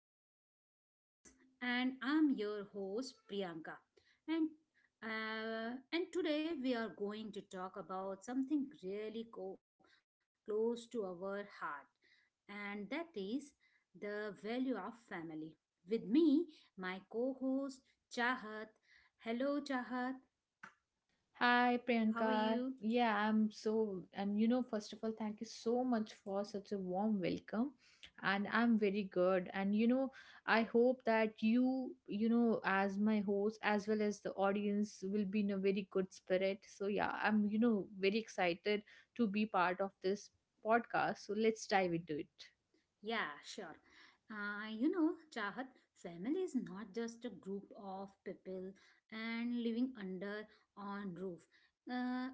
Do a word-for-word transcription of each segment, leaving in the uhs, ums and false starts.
to our podcast. And I'm your host, Priyanka. And uh, and today we are going to talk about something really co- close to our heart, and that is the value of family. With me, my co-host Chahat. Hello, Chahat. Hi How are you? Priyanka. Yeah, I'm so and you know first of all, thank you so much for such a warm welcome, and I'm very good, and you know I hope that you you know as my host as well as the audience will be in a very good spirit. So yeah, I'm you know very excited to be part of this podcast. So let's dive into it. Yeah, sure. Uh, you know, Chahat, family is not just a group of people and living under on roof. Uh,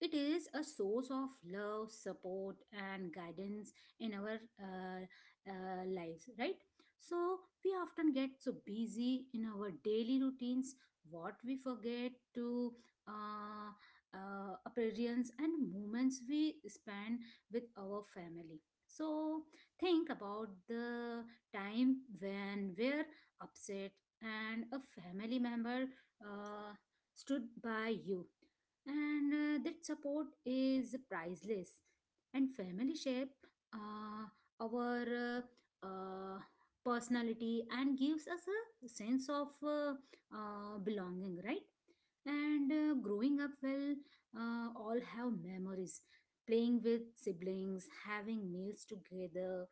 it is a source of love, support, and guidance in our uh, uh, lives, right? So we often get so busy in our daily routines, what we forget to uh, uh, appearance and moments we spend with our family. So think about the time when we're upset and a family member uh, stood by you. And uh, that support is priceless. And family shape uh, our uh, uh, personality and gives us a sense of uh, uh, belonging, right? And uh, growing up well, uh, all have memories. Playing with siblings, having meals together,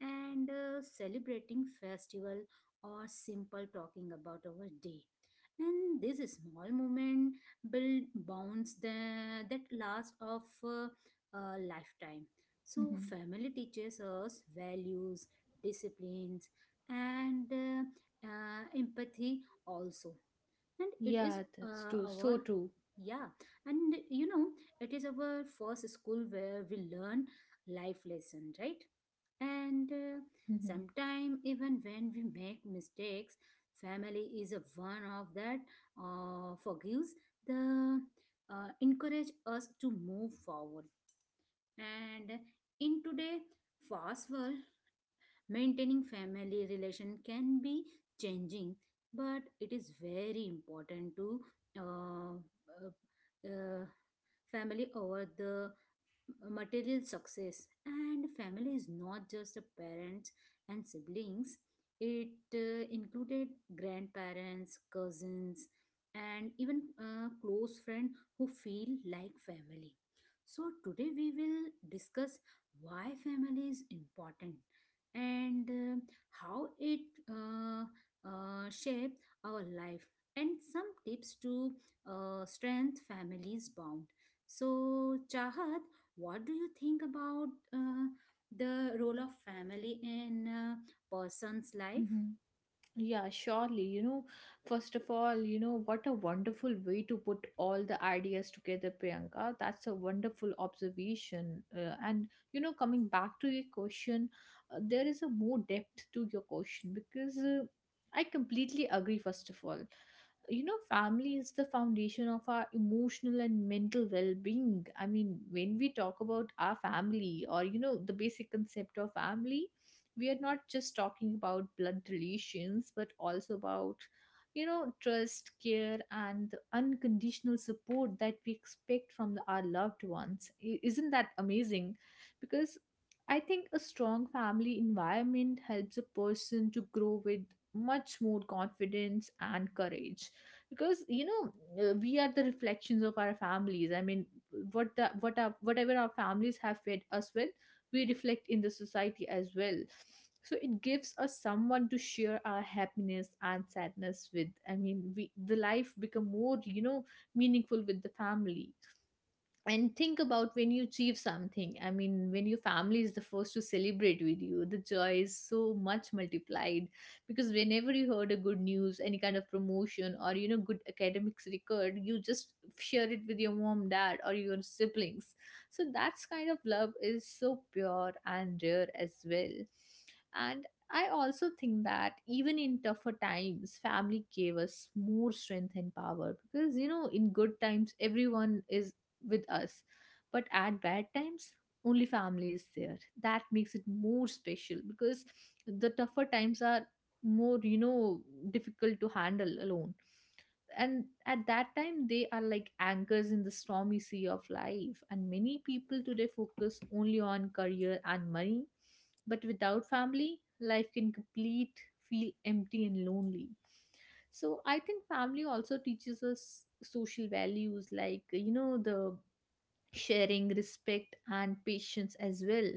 and uh, celebrating festival or simple talking about our day, and this small moment build bonds tha- that last of uh, a lifetime. So Mm-hmm. family teaches us values, disciplines, and uh, uh, empathy also. And it is Yeah, that's uh, true. So our, true. yeah, and you know it is our first school where we learn life lesson, right? And uh, Mm-hmm. sometimes, even when we make mistakes, family is a one of that uh, forgives the uh, encourage us to move forward. And in today fast world, maintaining family relation can be changing, but it is very important to uh, uh, uh, family over the material success. And family is not just the parents and siblings, it uh, included grandparents, cousins, and even a close friend who feel like family. So today we will discuss why family is important and uh, how it uh, uh, shape our life, and some tips to uh, strengthen families bond. So Chahat, what do you think about uh, the role of family in a person's life? Mm-hmm. Yeah, surely. You know, first of all, you know, what a wonderful way to put all the ideas together, Priyanka. That's a wonderful observation. Uh, and, you know, coming back to your question, uh, there is a more depth to your question, because uh, I completely agree, first of all. You know family is the foundation of our emotional and mental well-being. I mean, when we talk about our family, or you know the basic concept of family, we are not just talking about blood relations, but also about you know trust, care, and the unconditional support that we expect from the, our loved ones. I- isn't that amazing? Because I think a strong family environment helps a person to grow with much more confidence and courage, because you know uh, we are the reflections of our families. I mean, what the what our whatever our families have fed us with, we reflect in the society as well. So it gives us someone to share our happiness and sadness with. I mean, we the life become more you know meaningful with the family. And think about when you achieve something. I mean, when your family is the first to celebrate with you, the joy is so much multiplied, because whenever you heard a good news, any kind of promotion or you know good academics record, you just share it with your mom, dad, or your siblings. So that's kind of love is so pure and rare as well. And I also think that even in tougher times, family gave us more strength and power, because you know in good times, everyone is with us. But at bad times, only family is there. That makes it more special, because the tougher times are more, you know, difficult to handle alone. And at that time, they are like anchors in the stormy sea of life. And many people today focus only on career and money. But without family, life can complete, feel empty and lonely. So I think family also teaches us social values, like you know the sharing, respect, and patience as well,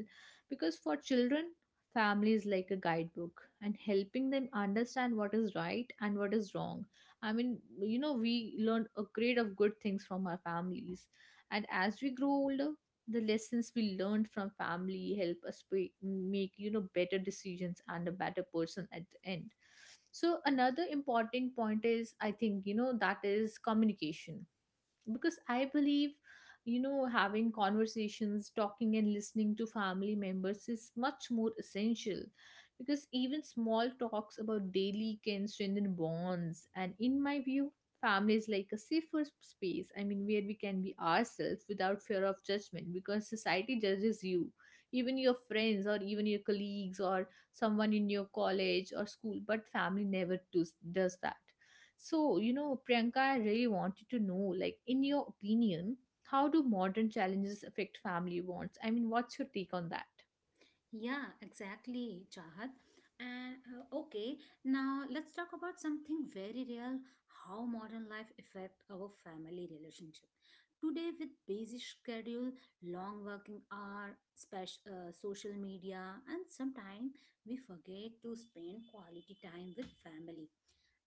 because for children, family is like a guidebook, and helping them understand what is right and what is wrong. I mean, you know we learn a grade of good things from our families. And as we grow older, the lessons we learned from family help us be, make you know better decisions and a better person at the end. So another important point is, I think, you know that is communication, because I believe, you know having conversations, talking and listening to family members is much more essential, because even small talks about daily can strengthen bonds. And in my view, family is like a safer space. I mean, where we can be ourselves without fear of judgment, because society judges you, even your friends, or even your colleagues, or someone in your college or school, but family never does, does that. So, you know, Priyanka, I really wanted to know, like, in your opinion, how do modern challenges affect family bonds? I mean, what's your take on that? Yeah, exactly, Chahat. And uh, okay, now let's talk about something very real: how modern life affect our family relationship. Today with busy schedule, long working hour, special uh, social media, and sometimes we forget to spend quality time with family.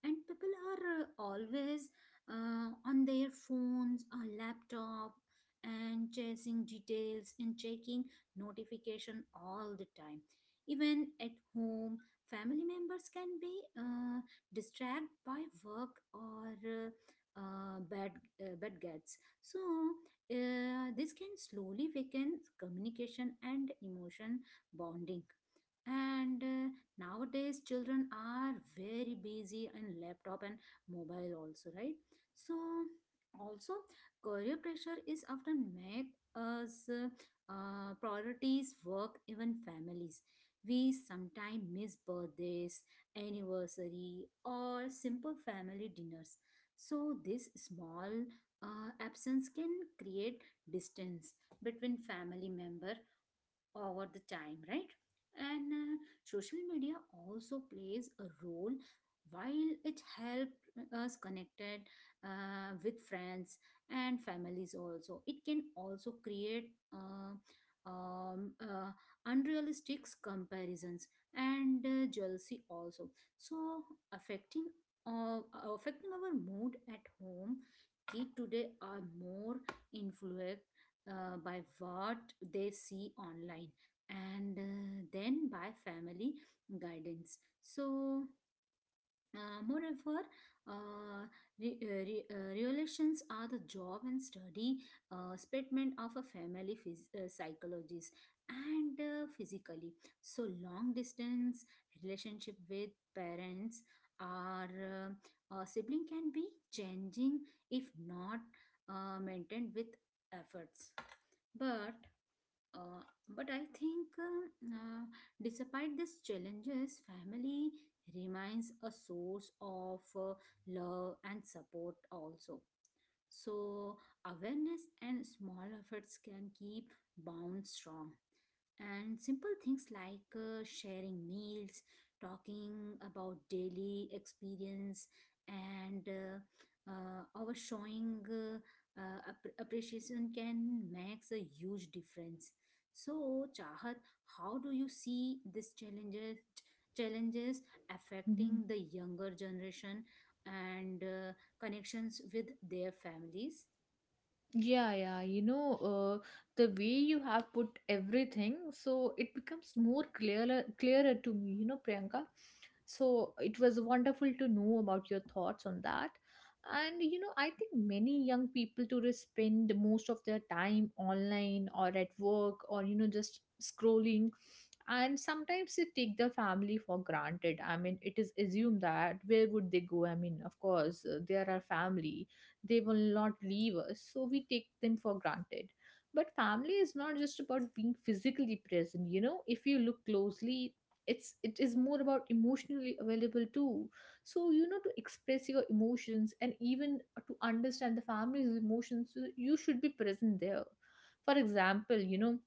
And people are uh, always uh, on their phones or laptop and chasing details and checking notification all the time. Even at home, family members can be uh, distracted by work or uh, uh, bad uh, bad gets. So uh, this can slowly weaken communication and emotion bonding. And uh, nowadays children are very busy in laptop and mobile also, right? So also, career pressure is often make us uh, uh, priorities work even families. We sometimes miss birthdays, anniversary, or simple family dinners. So this small uh, absence can create distance between family member over the time, right? And uh, social media also plays a role. While it helped us connected uh, with friends and families also, it can also create uh, um, uh, unrealistic comparisons and uh, jealousy also. So affecting uh, affecting our mood at home, kids today are more influenced uh, by what they see online and uh, then by family guidance. So uh, moreover, uh, re- uh, re- uh, relations are the job and study uh, statement of a family phys- uh, psychologist, and uh, physically. So, long distance relationship with parents or uh, uh, sibling can be changing if not uh, maintained with efforts. But uh, but I think, um, uh, despite these challenges, family remains a source of uh, love and support also. So, awareness and small efforts can keep bonds strong. And simple things like uh, sharing meals, talking about daily experience, and uh, uh, our showing uh, uh, app- appreciation can makes a huge difference. So, Chahat, how do you see these challenges challenges affecting the younger generation and uh, connections with their families? Yeah, yeah, you know, uh, the way you have put everything, so it becomes more clearer, clearer to me, you know, Priyanka. So it was wonderful to know about your thoughts on that. And you know, I think many young people today spend most of their time online, or at work, or you know, just scrolling. And sometimes they take their family for granted. I mean, it is assumed that where would they go? I mean, of course, uh, they are our family, they will not leave us, so we take them for granted. But family is not just about being physically present. You know if you look closely, it's it is more about emotionally available too. So you know to express your emotions, and even to understand the family's emotions, you you should be present there. For example, you know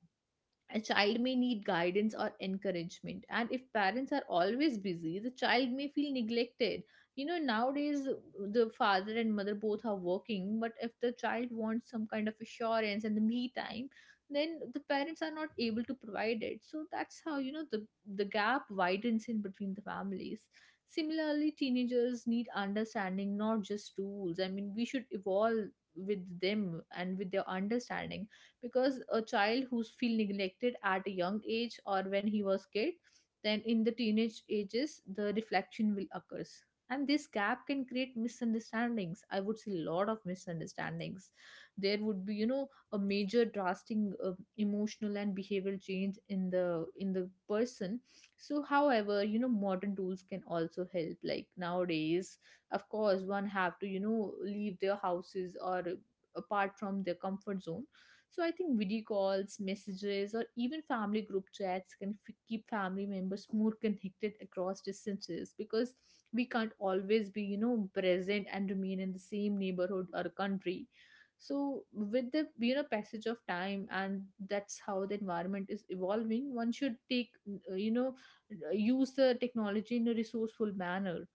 a child may need guidance or encouragement, and if parents are always busy, the child may feel neglected. You know nowadays the father and mother both are working, but if the child wants some kind of assurance and the me time, then the parents are not able to provide it. So that's how, you know the the gap widens in between the families. Similarly, teenagers need understanding, not just rules. I mean, we should evolve with them and with their understanding, because a child who's feel neglected at a young age or when he was kid, then in the teenage ages the reflection will occurs. And this gap can create misunderstandings. I would say a lot of misunderstandings. There would be you know a major drastic uh, emotional and behavioral change in the in the person. So, however, you know modern tools can also help. Like nowadays, of course, one have to you know leave their houses or apart from their comfort zone. So I think video calls, messages, or even family group chats can f- keep family members more connected across distances, because we can't always be, you know, present and remain in the same neighborhood or country. So with the you know passage of time and that's how the environment is evolving, one should take uh, you know uh, use the technology in a resourceful manner.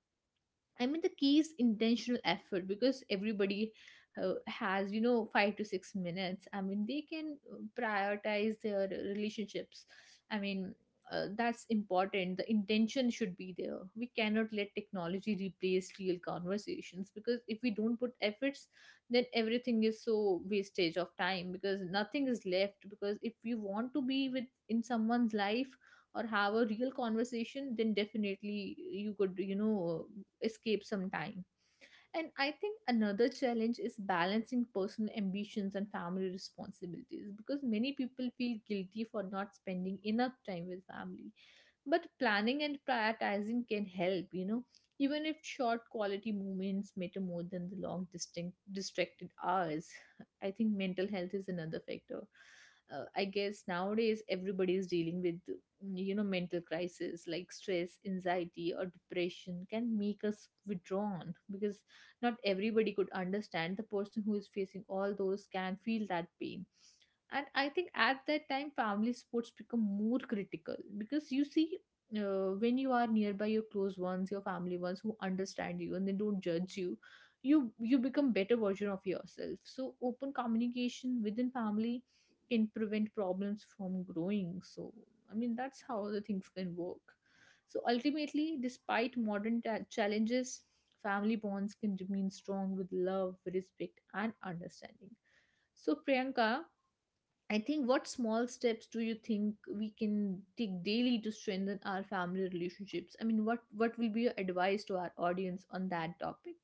I mean, the key is intentional effort, because everybody uh, has, you know, five to six minutes. I mean, they can uh, prioritize their relationships. I mean, uh, that's important. The intention should be there. We cannot let technology replace real conversations, because if we don't put efforts, then everything is so wastage of time, because nothing is left. Because if we want to be with in someone's life, or have a real conversation, then definitely you could you know escape some time. And I think another challenge is balancing personal ambitions and family responsibilities, because many people feel guilty for not spending enough time with family. But planning and prioritizing can help, you know even if short quality moments matter more than the long distinct distracted hours. I think mental health is another factor. uh, I guess nowadays everybody is dealing with mm, you know mental crisis, like stress, anxiety, or depression can make us withdrawn, because not everybody could understand the person who is facing all those can feel that pain. And I think at that time, family sports become more critical, because you see, uh, when you are nearby your close ones, your family ones who understand you and they don't judge you you you become better version of yourself. So open communication within family can prevent problems from growing. So I mean, that's how the things can work. So ultimately, despite modern ta- challenges, family bonds can remain strong with love, respect, and understanding. So Priyanka, I think what small steps do you think we can take daily to strengthen our family relationships? I mean, what what will be your advice to our audience on that topic?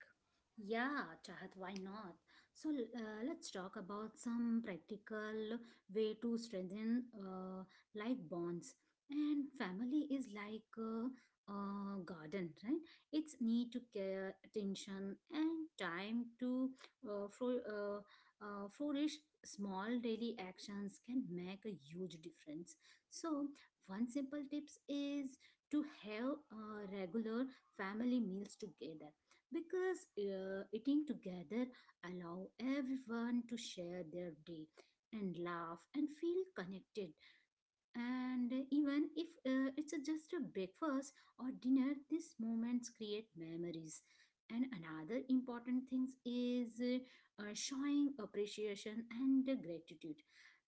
Yeah, Chahat, why not? So uh, let's talk about some practical way to strengthen uh, life bonds. And family is like a, a garden, right? It's need to care, attention, and time to uh, fro- uh, uh, flourish. Small daily actions can make a huge difference. So one simple tips is to have uh, regular family meals together, because uh, eating together allow everyone to share their day and laugh and feel connected. And even if uh, it's just a breakfast or dinner, these moments create memories. And another important thing is uh, uh, showing appreciation and gratitude.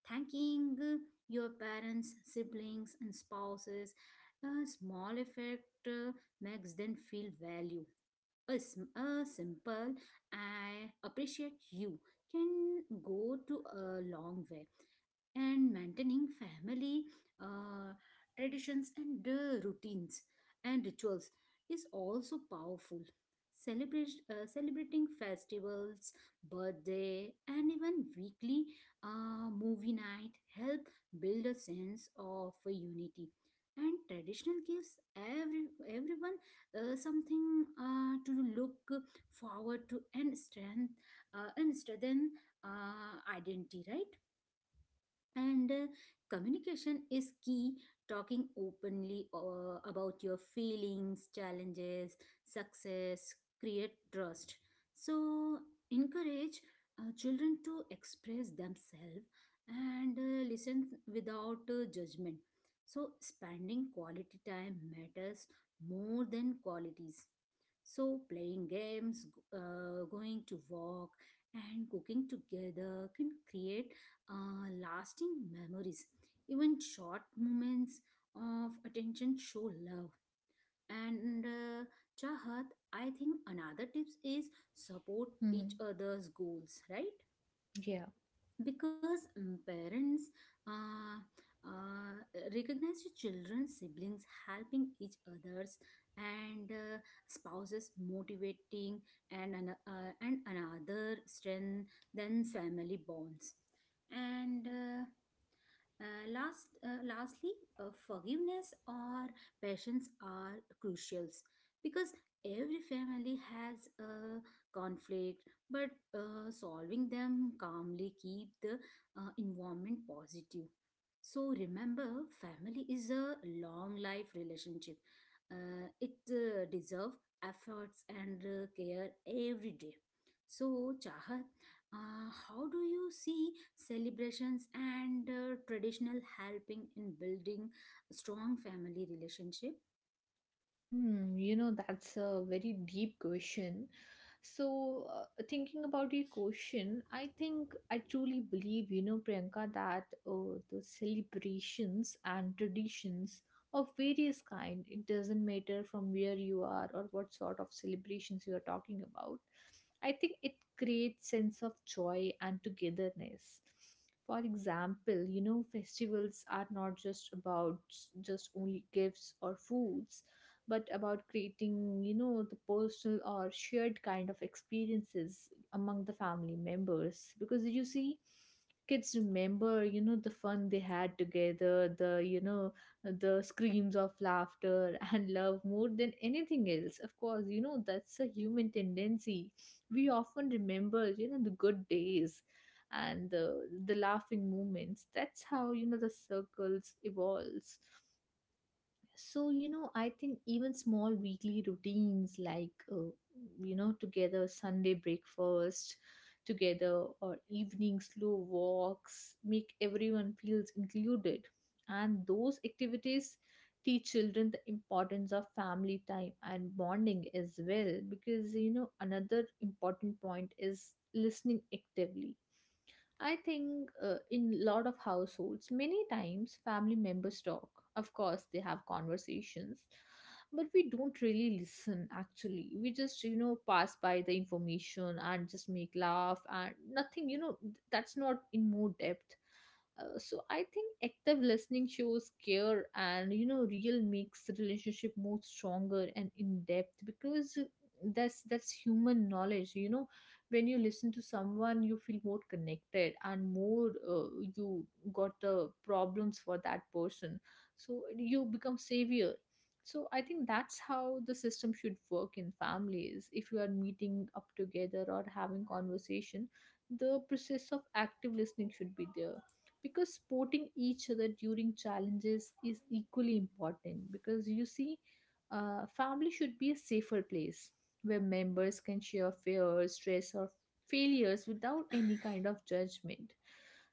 Thanking uh, your parents, siblings, and spouses a small effect uh, makes them feel valued. A, sm- a simple "I appreciate you" can go to a long way. And maintaining family uh, traditions and uh, routines and rituals is also powerful. Celebrate, uh, celebrating festivals, birthday, and even weekly uh, movie night help build a sense of unity. And traditional gives every everyone uh, something uh, to look forward to, and strength uh, and strengthen uh, identity, right? and uh, communication is key. Talking openly uh, about your feelings, challenges, success create trust. So encourage uh, children to express themselves and uh, listen without uh, judgment. So spending quality time matters more than qualities. So playing games, g- uh, going to walk, and cooking together can create uh, lasting memories. Even short moments of attention show love. And uh, Chahat, I think another tips is support each Hmm. other's goals, right? Yeah. Because mm, parents uh, uh, recognize the children's, siblings helping each others, and uh, spouses motivating and an, uh, and another strength than family bonds. And uh, uh, last, uh, lastly, uh, forgiveness or patience are crucials, because every family has a conflict, but uh, solving them calmly keep the uh, environment positive. So remember, family is a long life relationship. Uh, it uh, deserve efforts and uh, care every day. So Chahat, uh, how do you see celebrations and uh, traditional helping in building strong family relationship? Hmm, you know, That's a very deep question. So, uh, thinking about your question, I think I truly believe, you know, Priyanka, that uh, the celebrations and traditions of various kind, it doesn't matter from where you are or what sort of celebrations you are talking about. I think it creates sense of joy and togetherness. For example, you know, festivals are not just about just only gifts or foods, but about creating, you know, the personal or shared kind of experiences among the family members. Because you see, kids remember you know the fun they had together, the you know the screams of laughter and love more than anything else. Of course, you know that's a human tendency. We often remember you know the good days and the the laughing moments. That's how, you know the circles evolves. So, you know, I think even small weekly routines, like, uh, you know, together Sunday breakfast together or evening slow walks, make everyone feels included. And those activities teach children the importance of family time and bonding as well, because you know another important point is listening actively. I think uh, in a lot of households, many times family members talk. Of course, they have conversations, but we don't really listen. Actually, we just you know pass by the information and just make laugh and nothing. You know th- that's not in more depth. Uh, so I think active listening shows care and you know real makes the relationship more stronger and in depth because uh, that's that's human knowledge. You know when you listen to someone you feel more connected and more uh, you got the problems for that person, so you become savior. So I think that's how the system should work in families. If you are meeting up together or having conversation, the process of active listening should be there, because supporting each other during challenges is equally important. Because you see, uh, family should be a safer place where members can share fears, stress, or failures without any kind of judgment.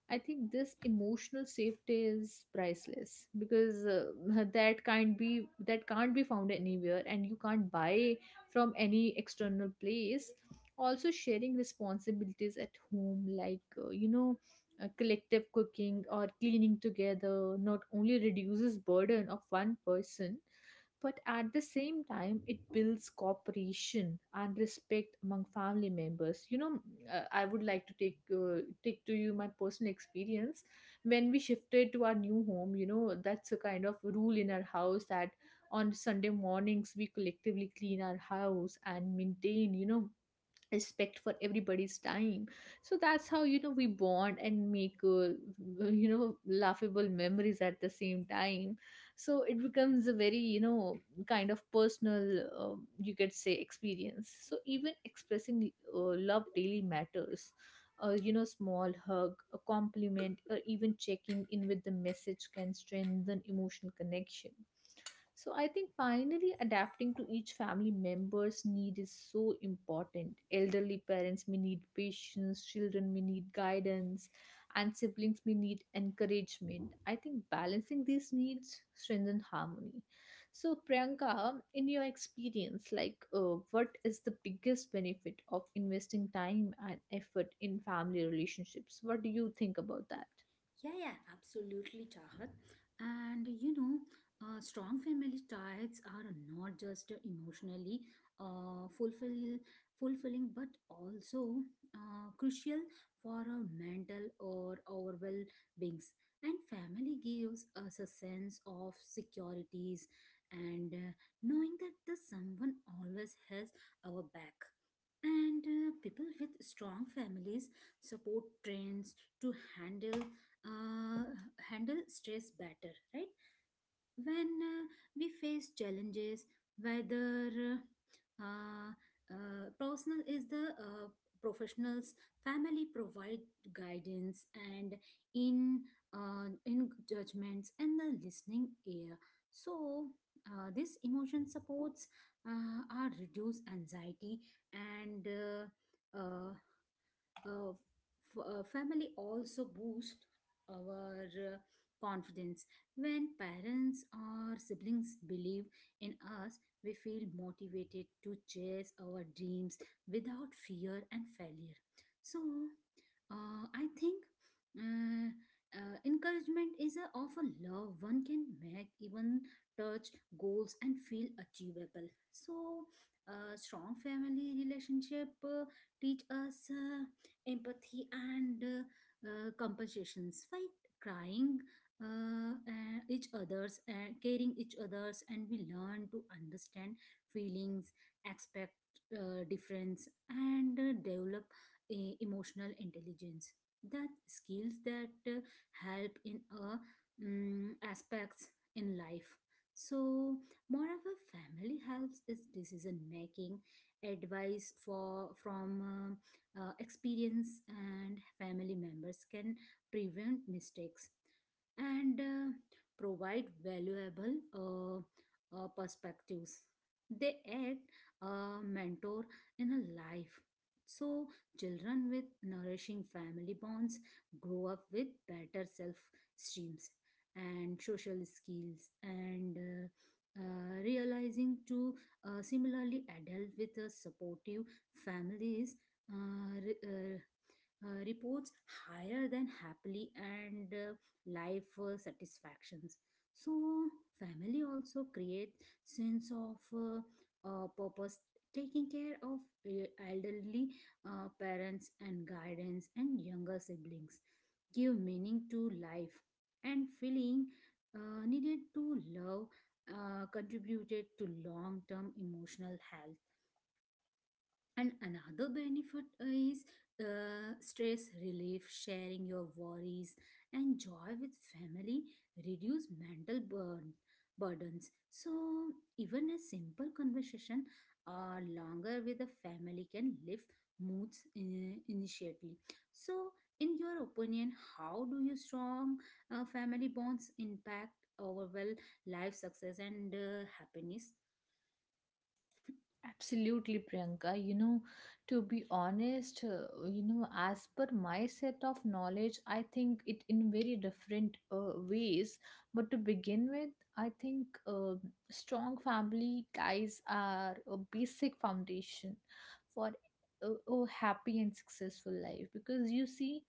I think this emotional safety is priceless because uh, that can't be that can't be found anywhere, and you can't buy from any external place. Also, sharing responsibilities at home, like uh, you know, uh, collective cooking or cleaning together, not only reduces burden of one person, but at the same time, it builds cooperation and respect among family members. You know, uh, I would like to take uh, take to you my personal experience when we shifted to our new home. You know, that's a kind of rule in our house that on Sunday mornings we collectively clean our house and maintain. You know, respect for everybody's time. So that's how you know we bond and make uh, you know laughable memories at the same time. So it becomes a very you know kind of personal um you could say experience. So even expressing uh, love daily matters. A you know small hug, a compliment, or even checking in with the message can strengthen emotional connection. So I think finally adapting to each family member's need is so important. Elderly parents may need patience, children may need guidance, and siblings may need encouragement. I think balancing these needs strengthens harmony. So Priyanka, in your experience, like uh, what is the biggest benefit of investing time and effort in family relationships? What do you think about that? Yeah, yeah, absolutely, Chahat. And you know, uh, strong family ties are not just emotionally uh, fulfill, fulfilling, but also uh, crucial for our mental or our well beings. And family gives us a sense of securities and uh, knowing that the someone always has our back. And uh, people with strong families support trends to handle uh, handle stress better, right? When uh, we face challenges, whether uh, uh, uh, personal is the uh, professionals, family provide guidance and in uh, in judgments and the listening ear. So uh, this emotion supports uh, our reduce anxiety, and uh, uh, uh, f- uh, family also boost our uh, confidence. When parents or siblings believe in us, we feel motivated to chase our dreams without fear and failure. So uh, I think uh, uh, encouragement is a of a love one can make even touch goals and feel achievable. So uh, strong family relationship uh, teach us uh, empathy and uh, uh, compensations, fight crying uh, uh, each others, uh, caring each others, and we learn to understand feelings, expect uh, difference, and uh, develop a emotional intelligence, that skills that uh, help in uh, mm, aspects in life. So moreover, family helps is decision making advice for from um, uh, experience, and family members can prevent mistakes and uh, provide valuable uh, uh, perspectives. They act a mentor in a life. So, children with nourishing family bonds grow up with better self esteems and social skills, and uh, uh, realizing to uh, similarly, adult with a supportive families uh, re- uh, uh, reports higher than happily and uh, life uh, satisfactions. So family also create sense of uh, uh, purpose. Taking care of uh, elderly uh, parents and guidance and younger siblings give meaning to life, and feeling uh, needed to love uh, contributed to long-term emotional health. And another benefit is uh, stress relief. Sharing your worries and joy with family reduce mental burn burdens. So even a simple conversation or longer with a family can lift moods in, initially. So in your opinion, how do you strong uh, family bonds impact overall life success and uh, happiness? Absolutely, Priyanka. You know, to be honest, uh, you know, as per my set of knowledge, I think it in very different uh, ways. But to begin with, I think uh, strong family ties are a basic foundation for a, a happy and successful life. Because you see,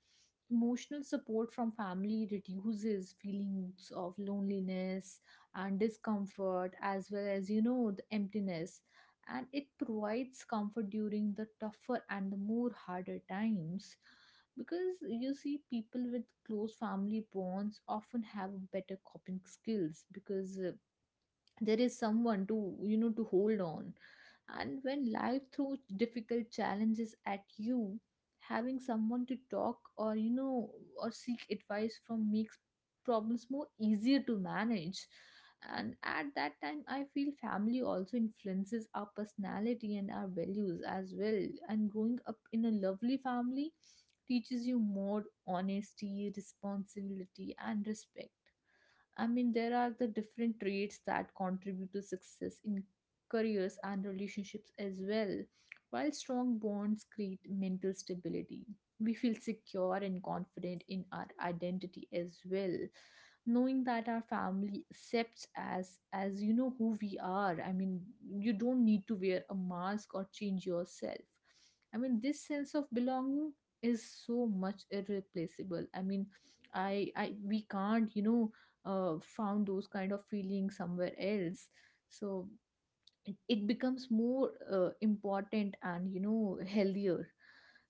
emotional support from family reduces feelings of loneliness and discomfort as well as you know the emptiness, and it provides comfort during the tougher and the more harder times, because you see people with close family bonds often have better coping skills. Because uh, there is someone to you know to hold on, and when life throws difficult challenges at you, having someone to talk or you know or seek advice from makes problems more easier to manage. And at that time I feel family also influences our personality and our values as well, and growing up in a lovely family teaches you more honesty, responsibility, and respect. I mean, there are the different traits that contribute to success in careers and relationships as well. While strong bonds create mental stability, we feel secure and confident in our identity as well. Knowing that our family accepts as as you know who we are. I mean, you don't need to wear a mask or change yourself. I mean, this sense of belonging is so much irreplaceable. I mean, I I we can't, you know, uh, found those kind of feelings somewhere else. So it, it becomes more uh, important and you know healthier.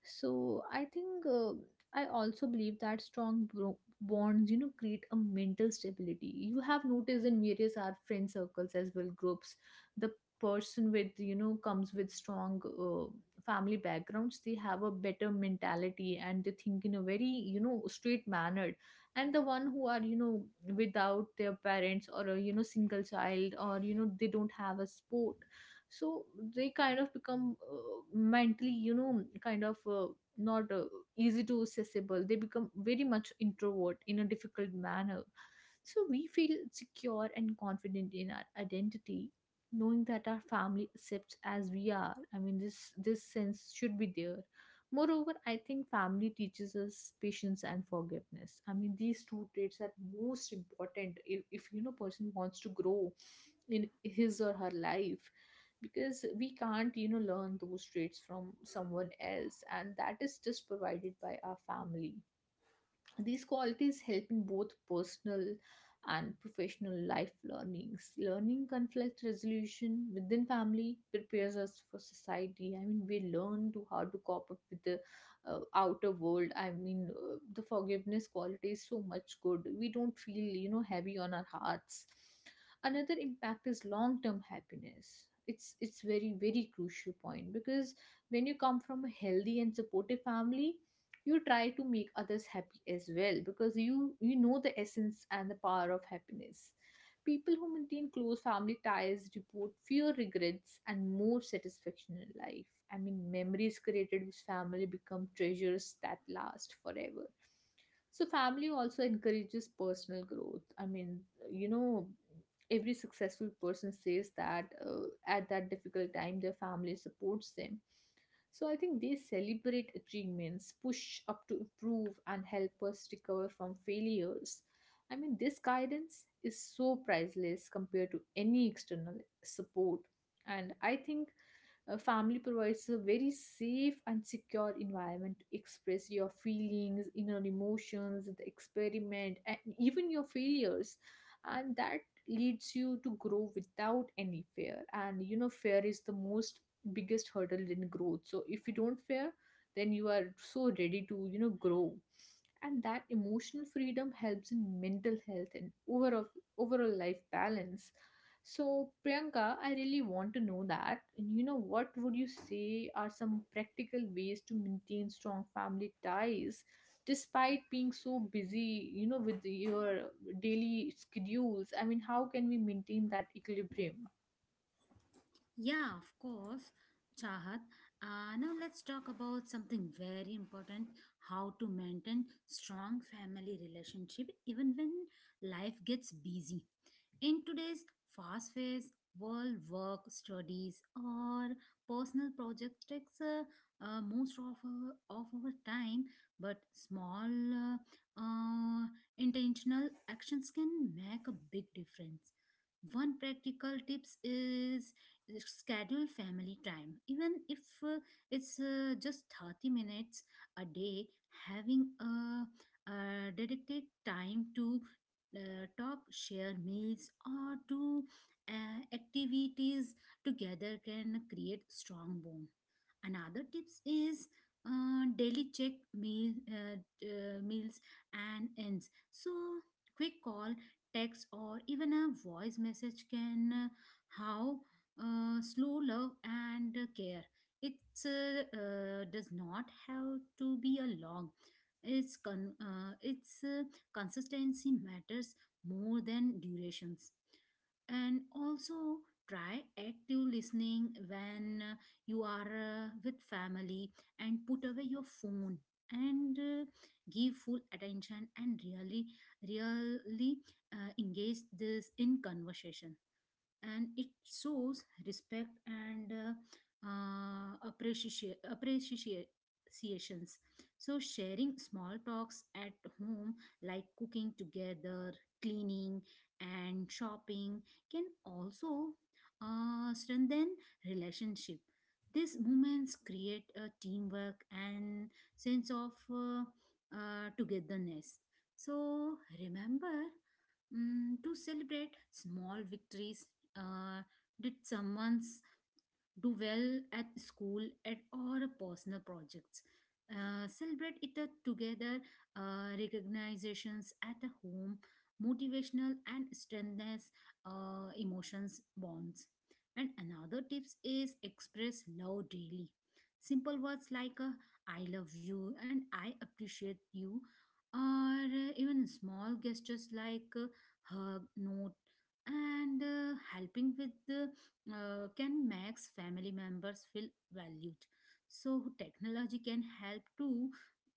So I think uh, I also believe that strong bro- bonds you know create a mental stability. You have noticed in various our friend circles as well groups. The person with you know comes with strong uh, family backgrounds, they have a better mentality and they think in a very you know straight manner. And the one who are you know without their parents or a you know single child or you know they don't have a sport, so they kind of become uh, mentally you know kind of uh, not uh, easy to accessible. They become very much introvert in a difficult manner. So we feel secure and confident in our identity, knowing that our family accepts as we are. I mean, this this sense should be there. Moreover, I think family teaches us patience and forgiveness. I mean, these two traits are most important if, if you know person wants to grow in his or her life, because we can't you know learn those traits from someone else, and that is just provided by our family. These qualities help in both personal and professional life learnings. Learning conflict resolution within family prepares us for society. I mean, we learn to how to cope up with the uh, outer world. I mean, uh, the forgiveness quality is so much good. We don't feel, you know, heavy on our hearts. Another impact is long-term happiness. It's it's very very crucial point, because when you come from a healthy and supportive family, you try to make others happy as well, because you you know the essence and the power of happiness. People who maintain close family ties report fewer regrets and more satisfaction in life. I mean memories created with family become treasures that last forever. So family also encourages personal growth. I mean, you know, every successful person says that uh, at that difficult time their family supports them. So I think they celebrate achievements, push up to improve, and help us recover from failures. I mean, this guidance is so priceless compared to any external support. And I think a family provides a very safe and secure environment to express your feelings, inner emotions, the experiment, and even your failures. And that leads you to grow without any fear. And you know, fear is the most biggest hurdle in growth. So if you don't fear, then you are so ready to, you know, grow, and that emotional freedom helps in mental health and overall overall life balance. So Priyanka, I really want to know that, and you know what would you say are some practical ways to maintain strong family ties despite being so busy you know with your daily schedules? I mean, how can we maintain that equilibrium? Yeah, of course, Chahat. Uh, now let's talk about something very important: how to maintain strong family relationship even when life gets busy. In today's fast paced world, work, studies, or personal projects takes uh, uh, most of our, of our time, but small uh, uh, intentional actions can make a big difference. One practical tips is schedule family time. Even if uh, it's uh, just thirty minutes a day, having a, a dedicated time to uh, talk, share meals, or do uh, activities together can create strong bond. Another tips is uh, daily check meal uh, uh, meals and ends. So quick call, text, or even a voice message can uh, how uh, slow love and uh, care. It uh, uh, does not have to be a long. It's con- uh, it's uh, Consistency matters more than durations. And also try active listening when uh, you are uh, with family, and put away your phone and uh, give full attention, and really really uh, engage this in conversation, and it shows respect and uh, uh, appreciation appreciations So sharing small talks at home like cooking together, cleaning, and shopping can also uh, strengthen relationship. These moments create a teamwork and sense of uh, uh, togetherness. So remember, mm, to celebrate small victories. uh, did someone do well at school at or personal projects? Uh, celebrate it uh, together. Uh, recognitions at a home motivational and strengthens uh, emotions bonds. And another tips is express love daily: simple words like uh, I love you and I appreciate you, or uh, even small gestures like uh, hug note and uh, helping with the uh, can makes family members feel valued. So technology can help too,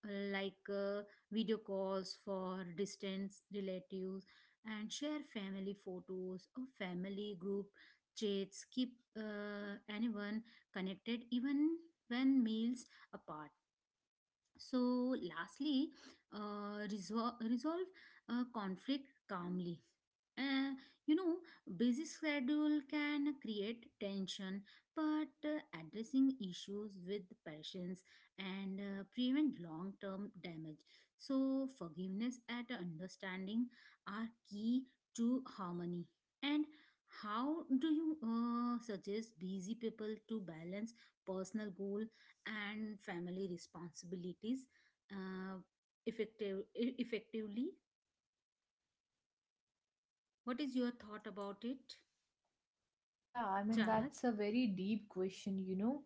uh, like uh, video calls for distance relatives, and share family photos or family group chats keep uh, anyone connected even when meals apart. So lastly, uh, resol- resolve uh, conflict calmly. uh, you know, Busy schedule can create tension, but uh, addressing issues with patience and uh, prevent long-term damage. So, forgiveness and understanding are key to harmony. And how do you uh, suggest busy people to balance personal goal and family responsibilities uh, effective effectively? What is your thought about it, Yeah, I mean, Chahat? that's a very deep question, you know.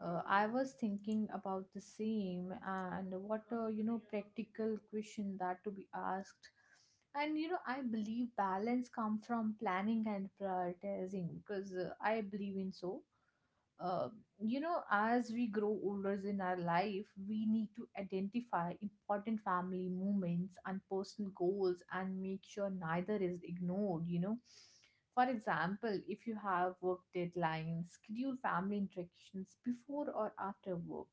Uh, I was thinking about the same, and what a, you know, practical question that to be asked. And, you know, I believe balance come from planning and prioritizing, because uh, I believe in so uh, you know, as we grow older in our life, we need to identify important family moments and personal goals and make sure neither is ignored, you know. For example, if you have work deadlines, schedule family interactions before or after work.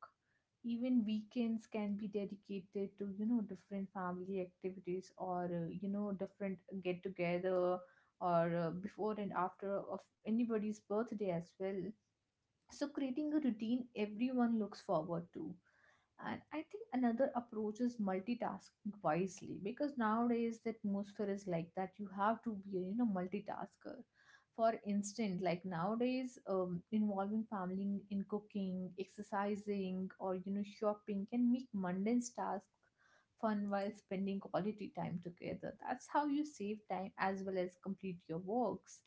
Even weekends can be dedicated to, you know, different family activities or, uh, you know, different get together or uh, before and after of anybody's birthday as well. So creating a routine everyone looks forward to. And I think another approach is multitasking wisely, because nowadays the atmosphere is like that you have to be a you know multitasker. For instance, like nowadays um, involving family in cooking, exercising, or you know shopping can make mundane tasks fun while spending quality time together. That's how you save time as well as complete your works.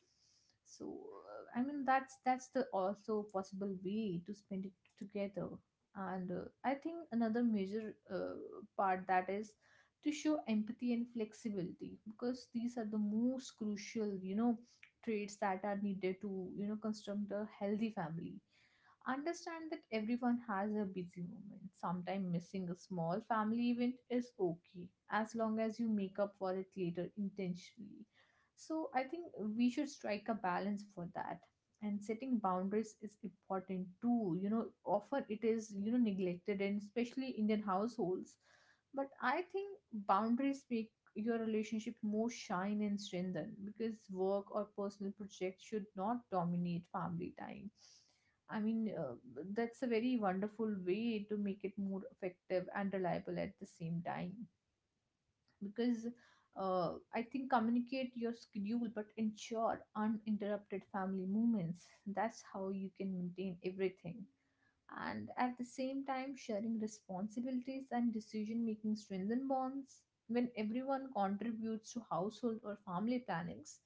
So uh, I mean that's that's the also possible way to spend it together. And uh, I think another major uh, part that is to show empathy and flexibility, because these are the most crucial you know traits that are needed to you know construct a healthy family. Understand that everyone has a busy moment. Sometimes missing a small family event is okay as long as you make up for it later intentionally. So I think we should strike a balance for that. And setting boundaries is important too. You know, often it is, you know, neglected and especially Indian households. But I think boundaries make your relationship more shine and strengthen, because work or personal projects should not dominate family time. I mean, uh, that's a very wonderful way to make it more effective and reliable at the same time, because uh, I think communicate your schedule but ensure uninterrupted family moments. That's how you can maintain everything. And at the same time, sharing responsibilities and decision making strengthen bonds. When everyone contributes to household or family plannings,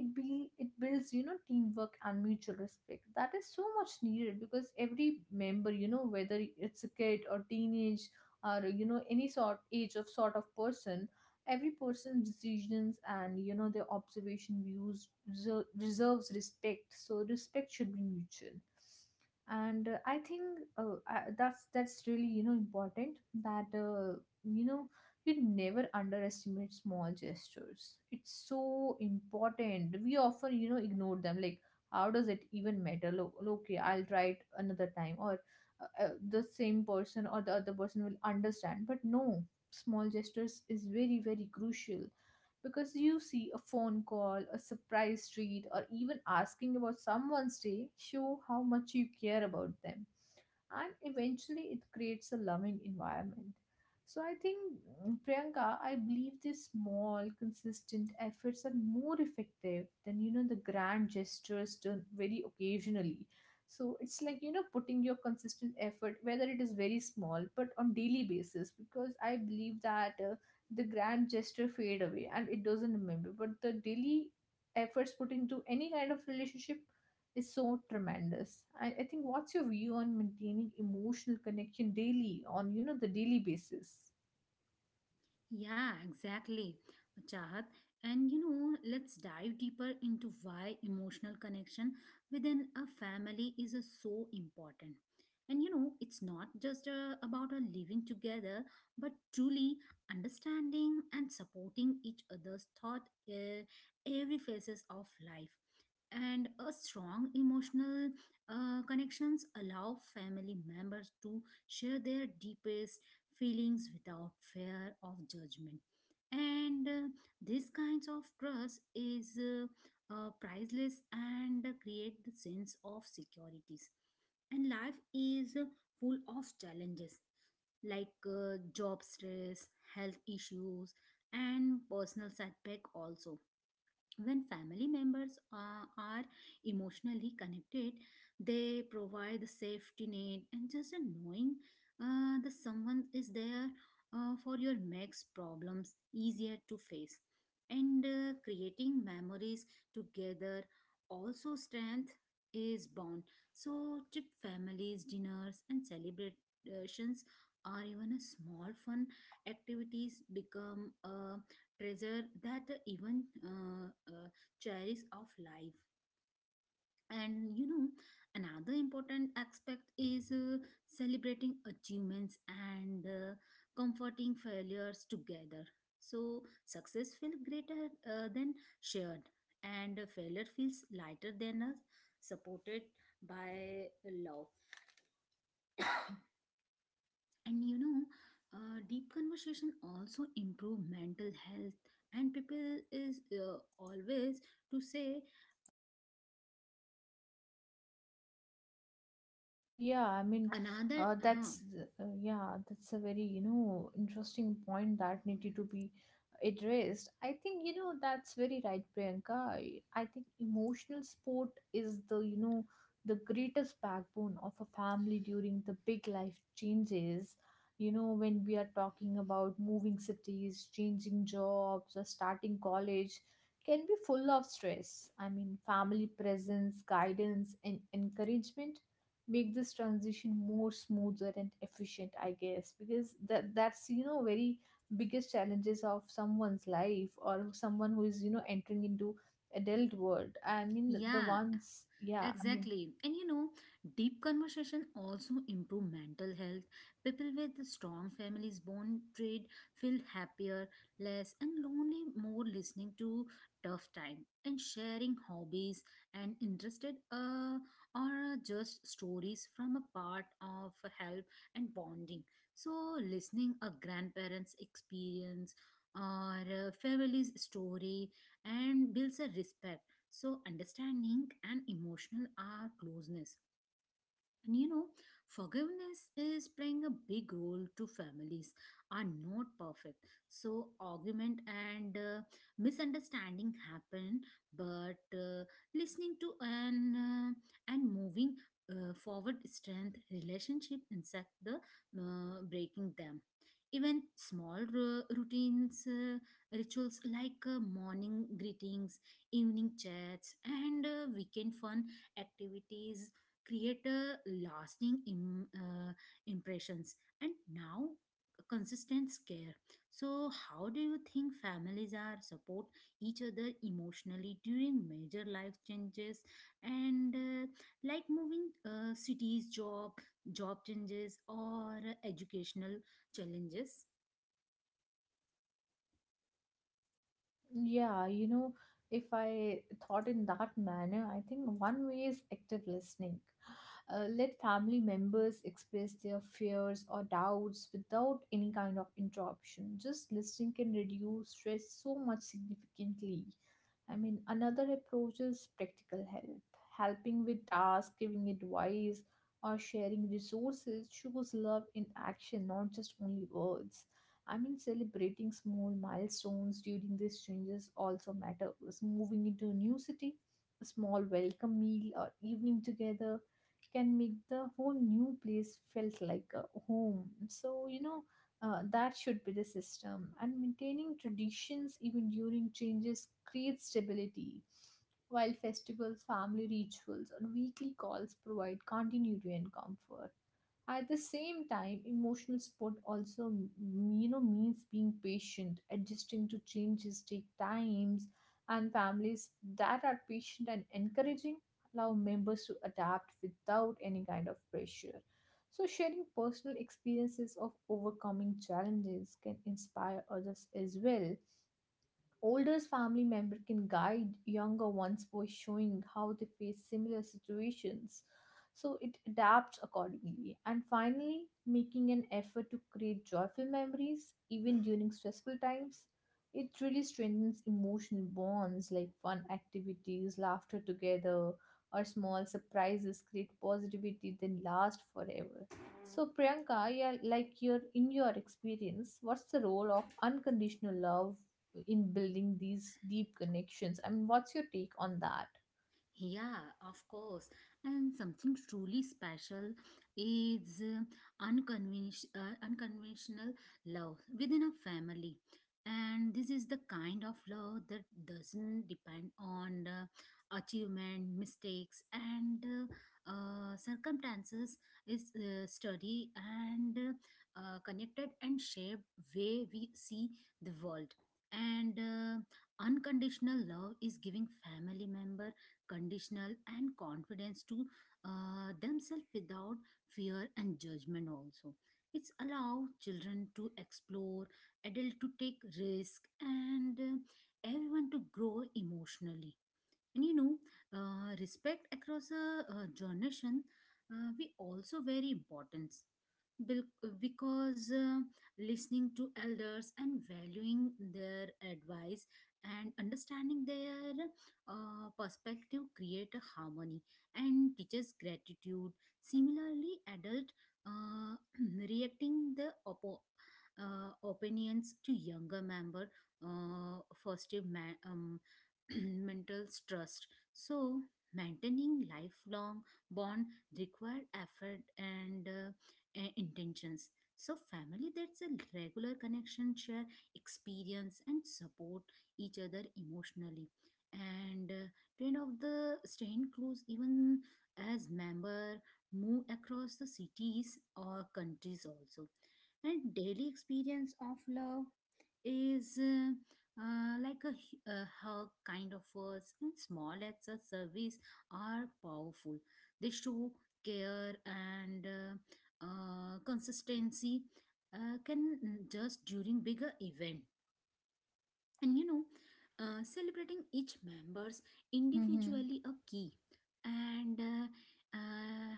it be it builds you know teamwork and mutual respect. That is so much needed because every member, you know whether it's a kid or teenage or you know any sort age of sort of person, every person's decisions and you know their observation views reser- deserves respect. So respect should be mutual. And uh, I think uh, I, that's that's really you know important that uh, you know you never underestimate small gestures. It's so important. We often you know ignore them, like how does it even matter? Look, okay, I'll try it another time, or uh, uh, the same person or the other person will understand. But no, small gestures is very very crucial, because you see a phone call, a surprise treat, or even asking about someone's day show how much you care about them, and eventually it creates a loving environment. So I think, mm, Priyanka, I believe these small, consistent efforts are more effective than you know the grand gestures done very occasionally. So it's like, you know putting your consistent effort, whether it is very small, but on daily basis, because I believe that uh, the grand gesture fade away and it doesn't remember, but the daily efforts put into any kind of relationship is so tremendous. I, I think, what's your view on maintaining emotional connection daily on you know the daily basis? Yeah, exactly. Chahat, and you know, let's dive deeper into why emotional connection within a family is uh, so important. And you know, it's not just uh, about uh, living together, but truly understanding and supporting each other's thought uh, every phases of life. And a strong emotional uh, connections allow family members to share their deepest feelings without fear of judgment, and uh, this kinds of trust is uh, uh, priceless and create the sense of securities. And life is uh, full of challenges like uh, job stress, health issues, and personal setback also. When family members uh, are emotionally connected, they provide the safety net, and just a knowing uh, that someone is there uh, for your makes problems easier to face. And uh, creating memories together also strength is bond. So trip families, dinners, and celebrations are even a small fun activities become a treasure that even uh, uh, cherish of life. And you know, another important aspect is uh, celebrating achievements and uh, comforting failures together. So success feels greater uh, than shared, and failure feels lighter than us supported by love. And you know, uh, deep conversation also improve mental health, and people is uh, always to say Yeah, I mean, Another, uh, that's huh? the- uh, yeah, that's a very, you know, interesting point that needed to be addressed. I think, you know, that's very right, Priyanka. I, I think emotional support is the, you know, the greatest backbone of a family during the big life changes. You know, when we are talking about moving cities, changing jobs, or starting college, can be full of stress. I mean, family presence, guidance, and encouragement make this transition more smoother and efficient, I guess, because that that's you know very biggest challenges of someone's life, or someone who is you know entering into adult world. I mean, the Yeah, ones, yeah, I mean, exactly. And you know, deep conversation also improve mental health. People with strong families bond trade feel happier, less and lonely, more listening to tough time, and sharing hobbies and interested, uh, or uh, just stories from a part of help and bonding. So listening a grandparents' experience or a family's story and builds a respect. So, understanding and emotional are closeness. And you know, forgiveness is playing a big role to families are not perfect. So argument and uh, misunderstanding happen, but uh, listening to and uh, and moving uh, forward strength relationship insect the uh, breaking them. Even small ru- routines, uh, rituals like uh, morning greetings, evening chats, and uh, weekend fun activities create a lasting Im- uh, impressions, and now consistent care. So how do you think families are support each other emotionally during major life changes and uh, like moving uh, cities, job job changes, or educational challenges? yeah, you know, if I thought in that manner, I think one way is active listening. Uh, let family members express their fears or doubts without any kind of interruption. Just listening can reduce stress so much significantly. I mean, another approach is practical help. Helping with tasks, giving advice, or sharing resources shows love in action, not just only words. I mean, celebrating small milestones during these changes also matters. Moving into a new city, a small welcome meal or evening together can make the whole new place felt like a home. So, you know, uh, that should be the system. And maintaining traditions even during changes creates stability, while festivals, family rituals, and weekly calls provide continuity and comfort. At the same time, emotional support also m- you know means being patient. Adjusting to changes take times, and families that are patient and encouraging allow members to adapt without any kind of pressure. So sharing personal experiences of overcoming challenges can inspire others as well. Older family member can guide younger ones by showing how they face similar situations, so it adapts accordingly. And finally, making an effort to create joyful memories even during stressful times, it really strengthens emotional bonds, like fun activities, laughter together, or small surprises create positivity that last forever. So Priyanka, yeah, like your in your experience, what's the role of unconditional love in building these deep connections? I mean, what's your take on that? Yeah, of course. And something truly special is uh, unconvention- uh, unconventional love within a family. And this is the kind of love that doesn't depend on uh, achievement, mistakes, and uh, uh, circumstances. Is uh, study and uh, uh, connected and shaped way we see the world. And uh, unconditional love is giving family member conditional and confidence to uh, themselves without fear and judgment. Also it's allow children to explore adult to take risk, and uh, everyone to grow emotionally. And you know, uh, respect across a, uh generation uh, we also very important Bil- because uh, listening to elders and valuing their advice and understanding their uh, perspective create a harmony and teaches gratitude. Similarly adult, uh, reacting the oppo- uh, opinions to younger member uh, foster ma- um, mental trust. So maintaining lifelong bond require effort and uh, uh, intentions. So, family that's a regular connection, share experience, and support each other emotionally. And uh, kind of the staying close, even as member move across the cities or countries also. And daily experience of love is uh, uh, like a, hu- a hug kind of words and small acts of service are powerful. They show care and uh, uh, consistency uh, can just during bigger event. And you know, uh, celebrating each members Mm-hmm. individually a key, and uh, uh,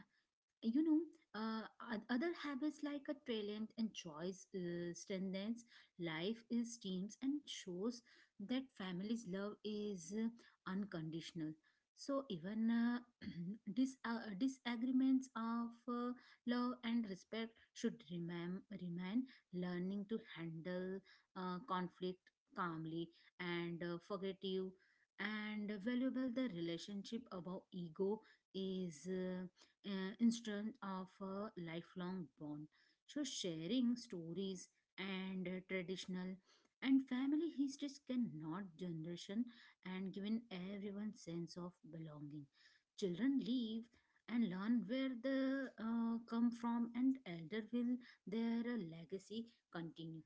you know, uh, oth- other habits like a talent and choice uh, strengthens life is teams and shows that family's love is uh, unconditional. So even uh, dis- uh, disagreements of uh, love and respect should remain remain learning to handle uh, conflict calmly and uh, forgive, and valuable the relationship above ego is uh, uh, instance of a lifelong bond. So sharing stories and uh, traditional and family histories cannot generation and giving everyone sense of belonging. Children leave and learn where they uh, come from, and elder will their legacy continue.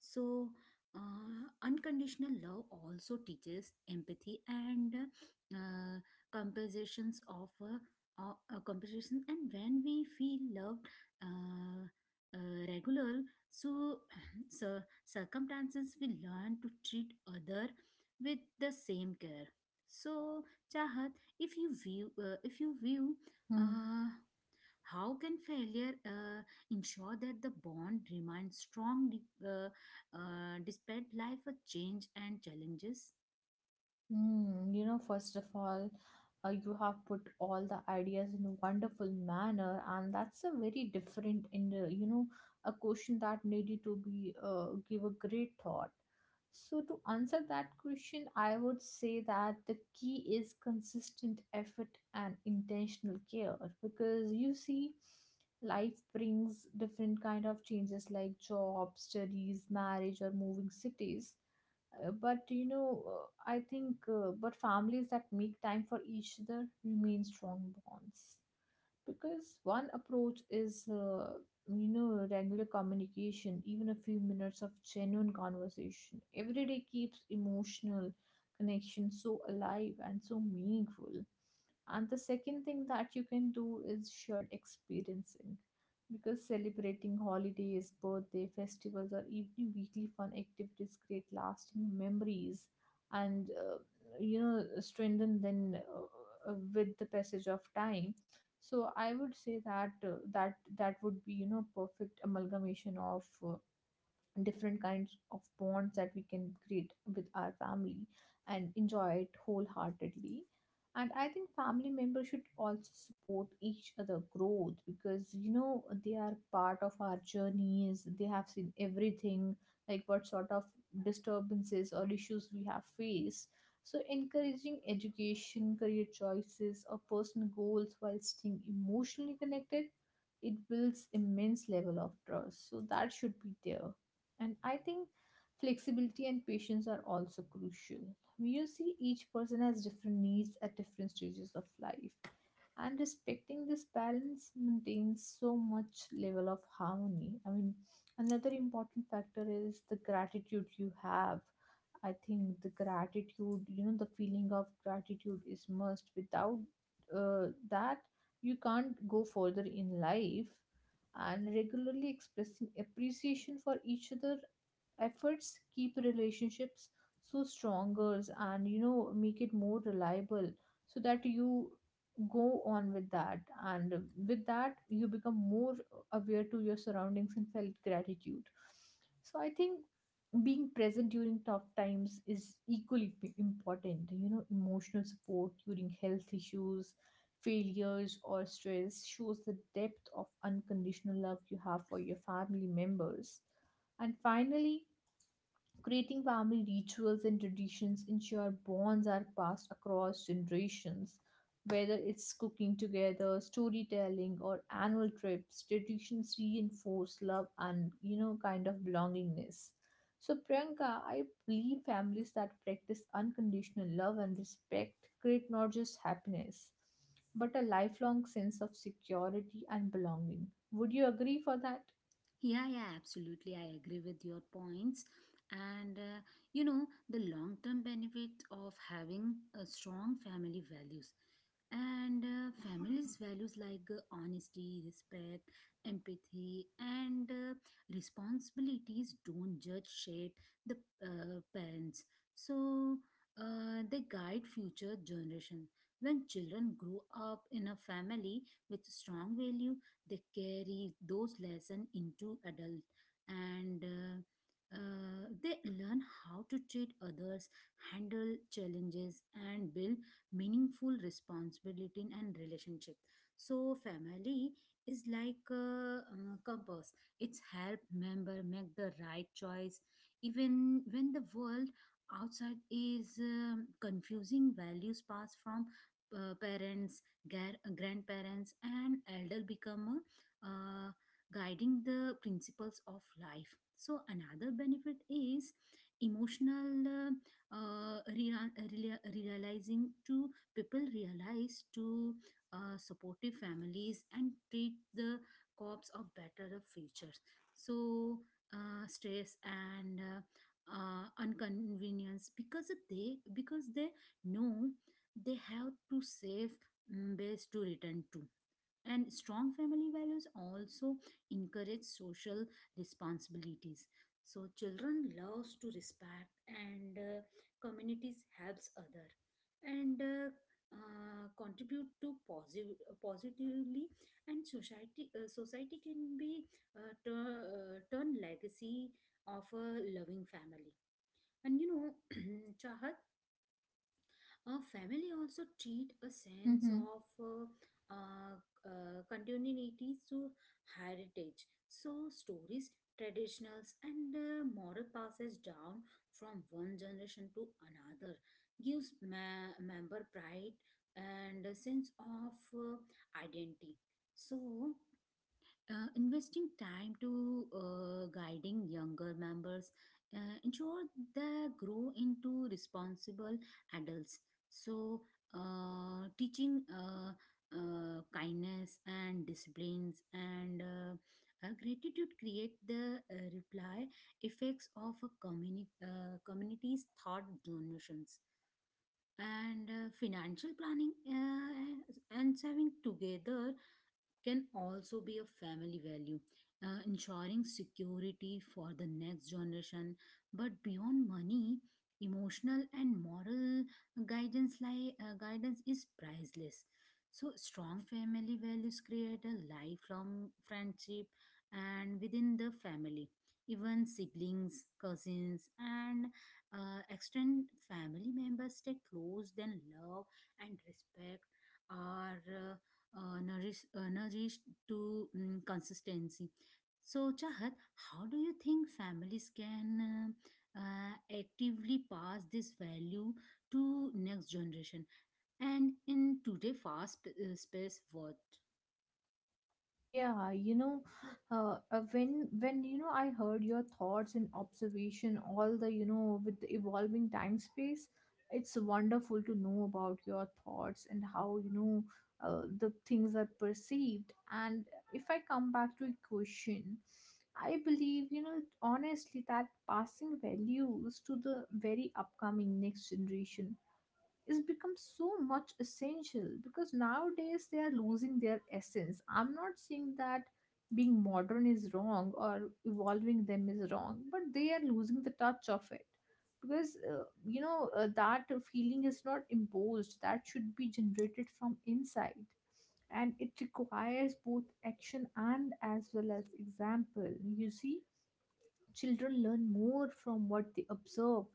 So, uh, unconditional love also teaches empathy and uh, compensations of uh, uh, uh, compensation. And when we feel loved, uh, uh, regular, so, so circumstances we learn to treat other with the same care. So, Chahat, if you view, uh, if you view. Hmm. Uh, how can failure uh, ensure that the bond remains strong de- uh, uh, despite life of change and challenges? Mm, you know, first of all, uh, you have put all the ideas in a wonderful manner, and that's a very different in the, you know, a question that needed to be uh, give a great thought. So to answer that question, I would say that the key is consistent effort and intentional care, because you see, life brings different kind of changes like job, studies, marriage, or moving cities. Uh, but you know, uh, I think, uh, but families that make time for each other remain strong bonds. Because one approach is, uh, you know, regular communication, even a few minutes of genuine conversation every day keeps emotional connection so alive and so meaningful. And the second thing that you can do is shared experiencing, because celebrating holidays, birthday, festivals, or even weekly fun activities create lasting memories and, uh, you know, strengthen them uh, uh, with the passage of time. So I would say that uh, that that would be you know perfect amalgamation of uh, different kinds of bonds that we can create with our family and enjoy it wholeheartedly. And I think family members should also support each other growth, because you know, they are part of our journeys, they have seen everything, like what sort of disturbances or issues we have faced. So encouraging education, career choices, or personal goals while staying emotionally connected, it builds immense level of trust, so that should be there. And I think flexibility and patience are also crucial. You see, each person has different needs at different stages of life. And respecting this balance maintains so much level of harmony. I mean, another important factor is the gratitude you have. I think the gratitude, you know, the feeling of gratitude is must. Without uh, that, you can't go further in life. And regularly expressing appreciation for each other efforts keep relationships so stronger and you know make it more reliable, so that you go on with that, and with that you become more aware to your surroundings and felt gratitude. So I think being present during tough times is equally p- important. You know, emotional support during health issues, failures, or stress shows the depth of unconditional love you have for your family members. And finally, creating family rituals and traditions ensure bonds are passed across generations. Whether it's cooking together, storytelling, or annual trips, traditions reinforce love and, you know, kind of belongingness. So, Priyanka, I believe families that practice unconditional love and respect create not just happiness, but a lifelong sense of security and belonging. Would you agree for that? Yeah, yeah, absolutely. I agree with your points. And uh, you know, the long term benefit of having a strong family values and uh, families values like uh, honesty, respect, empathy, and uh, responsibilities don't judge shape the uh, parents. So uh, they guide future generation. When children grow up in a family with strong value, they carry those lessons into adult, and uh, uh, they learn how to treat others, handle challenges, and build meaningful responsibility and relationship. So family is like a, uh compass, it's help member make the right choice, even when the world outside is um, confusing. Values passed from uh, parents, gar- grandparents, and elder become uh, uh, guiding the principles of life. So another benefit is emotional uh, uh, rea- rea- realizing to people realize to uh, supportive families and treat the corps of better futures. So uh, stress and uh, uh, inconvenience, because they because they know they have to save mm, base to return to. And strong family values also encourage social responsibilities. So children loves to respect and uh, communities helps other, and uh, uh, contribute to positive positively, and society uh, society can be uh, tur- uh, turn legacy of a loving family. And you know, Chahat, uh, family also treat a sense of uh, uh, uh, continuity to heritage. So stories, traditionals, and uh, moral passes down from one generation to another gives ma- member pride and a sense of uh, identity. So uh, investing time to uh, guiding younger members uh, ensure they grow into responsible adults. So uh, teaching uh, uh, kindness and disciplines and uh, uh, gratitude create the uh, reply effects of a communi- uh, community's thought generations. And uh, financial planning uh, and saving together can also be a family value, uh, ensuring security for the next generation. But beyond money, emotional and moral guidance, like uh, guidance, is priceless. So strong family values create a lifelong friendship, and within the family, even siblings, cousins, and uh, extended family members stay close. Then love and respect are. uh, uh, nourish, uh, nourished to mm, consistency. So, Chahat, how do you think families can uh, uh, actively pass this value to next generation? And in today fast uh, space world, Yeah, you know, uh, uh, when when you know I heard your thoughts and observation, all the you know with the evolving time space, it's wonderful to know about your thoughts and how you know uh, the things are perceived. And if I come back to a question, I believe you know honestly that passing values to the very upcoming next generation is become so much essential, because nowadays they are losing their essence. I'm not saying that being modern is wrong or evolving them is wrong, but they are losing the touch of it, because uh, you know, uh, that feeling is not imposed. That should be generated from inside, and it requires both action and as well as example. You see, children learn more from what they observe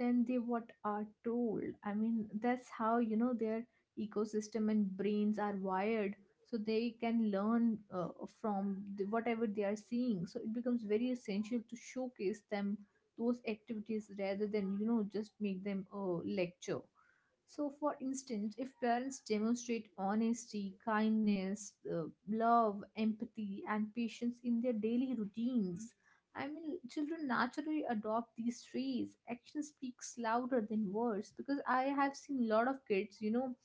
than they what are told. I mean, that's how you know their ecosystem and brains are wired, so they can learn uh, from the, whatever they are seeing. So it becomes very essential to showcase them those activities rather than you know just make them a lecture. So, for instance, if parents demonstrate honesty, kindness, uh, love, empathy, and patience in their daily routines, I mean, children naturally adopt these traits. Action speaks louder than words, because I have seen a lot of kids, you know,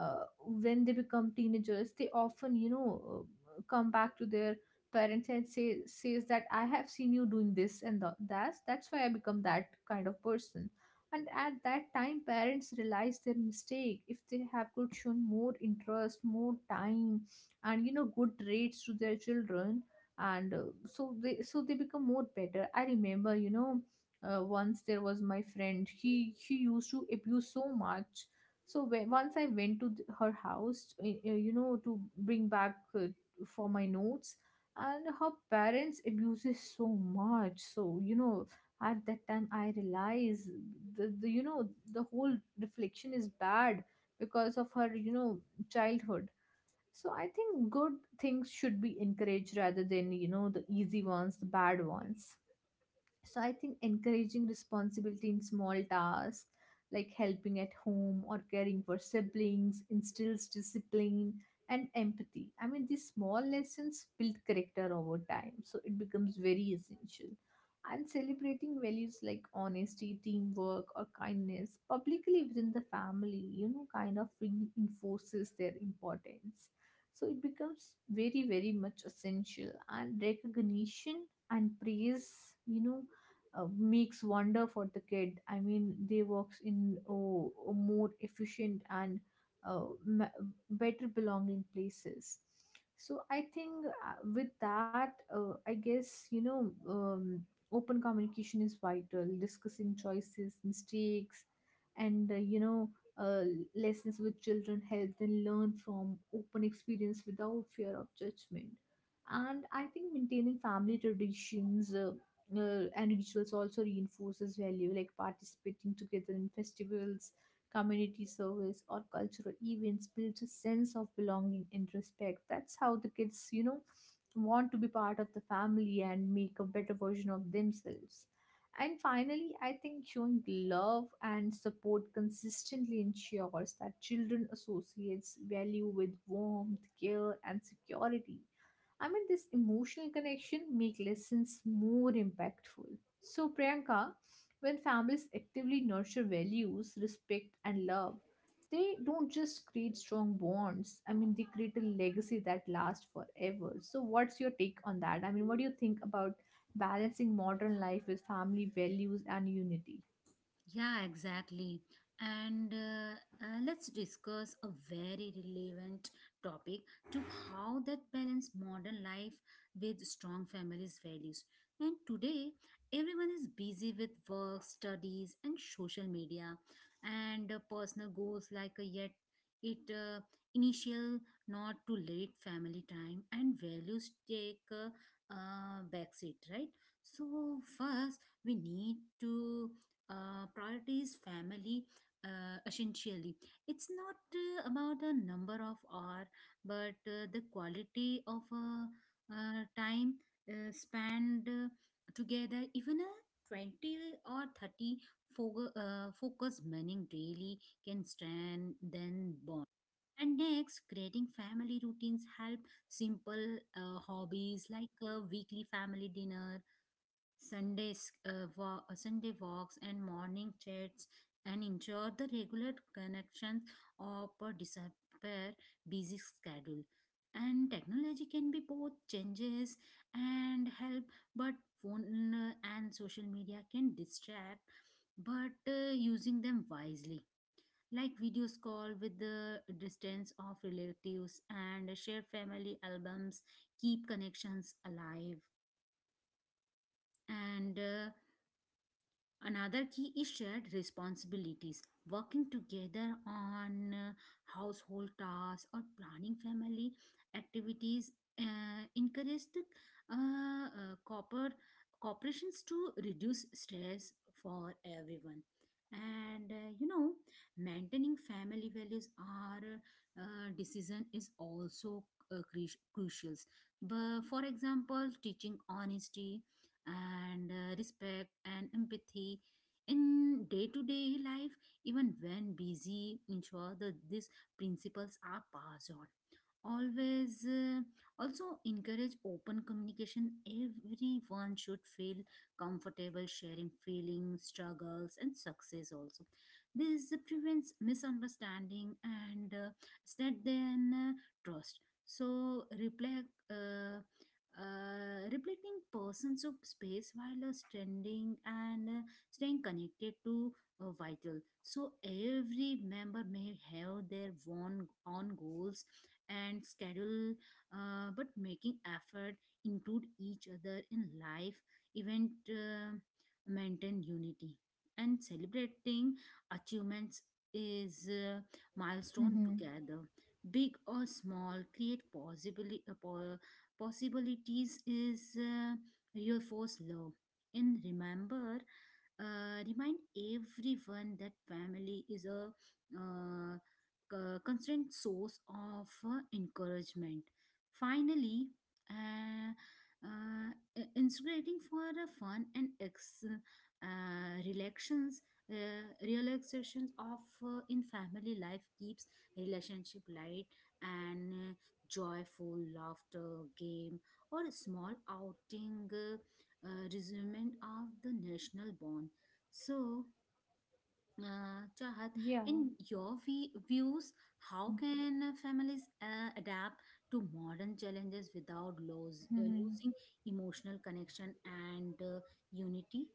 uh, when they become teenagers, they often you know uh, come back to their parents and say says that I have seen you doing this, and the, that's that's why I become that kind of person. And at that time parents realize their mistake if they have could shown more interest, more time, and you know good rates to their children. And uh, so they so they become more better. I remember, you know, uh, once there was my friend, he he used to abuse so much. So when, once I went to th- her house, uh, uh, you know, to bring back uh, for my notes, and her parents abuses so much. So you know, at that time I realized the, the you know the whole reflection is bad because of her you know childhood. So I think good things should be encouraged rather than you know the easy ones, the bad ones. So I think encouraging responsibility in small tasks like helping at home or caring for siblings instills discipline and empathy. I mean, these small lessons build character over time, so it becomes very essential. And celebrating values like honesty, teamwork, or kindness publicly within the family, you know, kind of reinforces their importance. So it becomes very, very much essential. And recognition and praise, you know, uh, makes wonder for the kid. I mean, they works in oh, a more efficient and uh, ma- better belonging places. So I think uh, with that, uh, I guess you know, um, open communication is vital. Discussing choices, mistakes, and uh, you know, Uh, lessons with children help them learn from open experience without fear of judgment. And I think maintaining family traditions uh, uh, and rituals also reinforces value, like participating together in festivals, community service, or cultural events builds a sense of belonging and respect. That's how the kids you know want to be part of the family and make a better version of themselves. And finally, I think showing love and support consistently ensures that children associates value with warmth, care, and security. I mean, this emotional connection make lessons more impactful. So, Priyanka, when families actively nurture values, respect, and love, they don't just create strong bonds. I mean, they create a legacy that lasts forever. So, what's your take on that? I mean, what do you think about balancing modern life with family values and unity? Yeah, exactly. And uh, uh, let's discuss a very relevant topic to how that balance modern life with strong families' values. And today, everyone is busy with work, studies, and social media, and uh, personal goals like uh, yet it uh, initial not too late family time and values take a uh, backseat, right? So first, we need to uh, priorities family uh, essentially. It's not uh, about the number of hour, but uh, the quality of uh, uh, time uh, spent uh, together. Even a twenty or thirty fo- uh, focus meaning daily can strengthen bond. And next, creating family routines help simple uh, hobbies like a weekly family dinner, Sunday, s- uh, wa- uh, Sunday walks, and morning chats, and ensure the regular connections of a disappear busy schedule. And technology can be both changes and help, but phone uh, and social media can distract, but uh, using them wisely. Like videos call with the distance of relatives and share family albums, keep connections alive. And uh, another key is shared responsibilities, working together on uh, household tasks or planning family activities uh, encourage the uh, uh, cooper- corporations to reduce stress for everyone. And uh, you know, maintaining family values are uh, decision is also uh, crucial. But for example, teaching honesty, and uh, respect and empathy in day-to-day life, even when busy, ensure that these principles are passed on always. Uh, also encourage open communication. Everyone should feel comfortable sharing feelings, struggles, and success also. This prevents misunderstanding and uh, strengthen uh, trust. So reflect uh, uh, reflecting persons of space while uh, standing and uh, staying connected to uh, vital. So every member may have their own own goals and schedule, uh, but making effort include each other in life event uh, maintain unity. And celebrating achievements is uh, milestone Hmm. together, big or small, create possibly possibilities is uh, your force law. And remember, uh, remind everyone that family is a uh, c- constant source of uh, encouragement. Finally, uh, uh, i- instigating for a fun and ex- uh, relations uh, relaxations of uh, in family life keeps relationship light and uh, joyful laughter, game, or a small outing uh, uh, resentment of the national bond. So, uh, Chahat, Yeah. in your vi- views, how can uh, families uh, adapt to modern challenges without lose, uh, Hmm. losing emotional connection and uh, unity?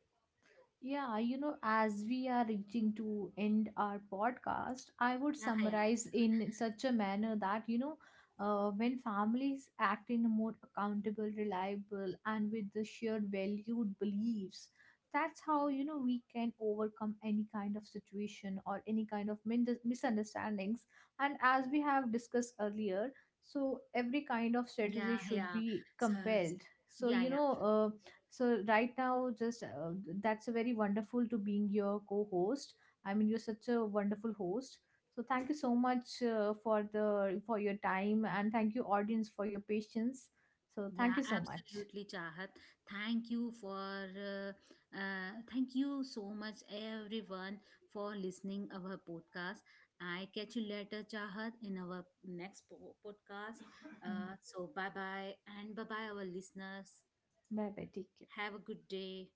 Yeah, you know, as we are reaching to end our podcast, I would Yeah, yeah, summarize in such a manner that, you know, uh, when families act in a more accountable, reliable, and with the shared valued beliefs, that's how, you know, we can overcome any kind of situation or any kind of min- misunderstandings. And as we have discussed earlier, so every kind of yeah, strategy should yeah. be So, compelled. So, yeah, you yeah. know, uh, so right now, just uh, that's a very wonderful to being your co-host. I mean, you're such a wonderful host. So thank you so much uh, for the for your time, and thank you audience for your patience. So thank Yeah, you so much. absolutely, Chahat. Thank you for uh, uh, Thank you so much, everyone, for listening our podcast. I catch you later, Chahat, in our next po- podcast. Uh, Bye so bye bye, and bye bye, our listeners. bye. Take care. Have a good day.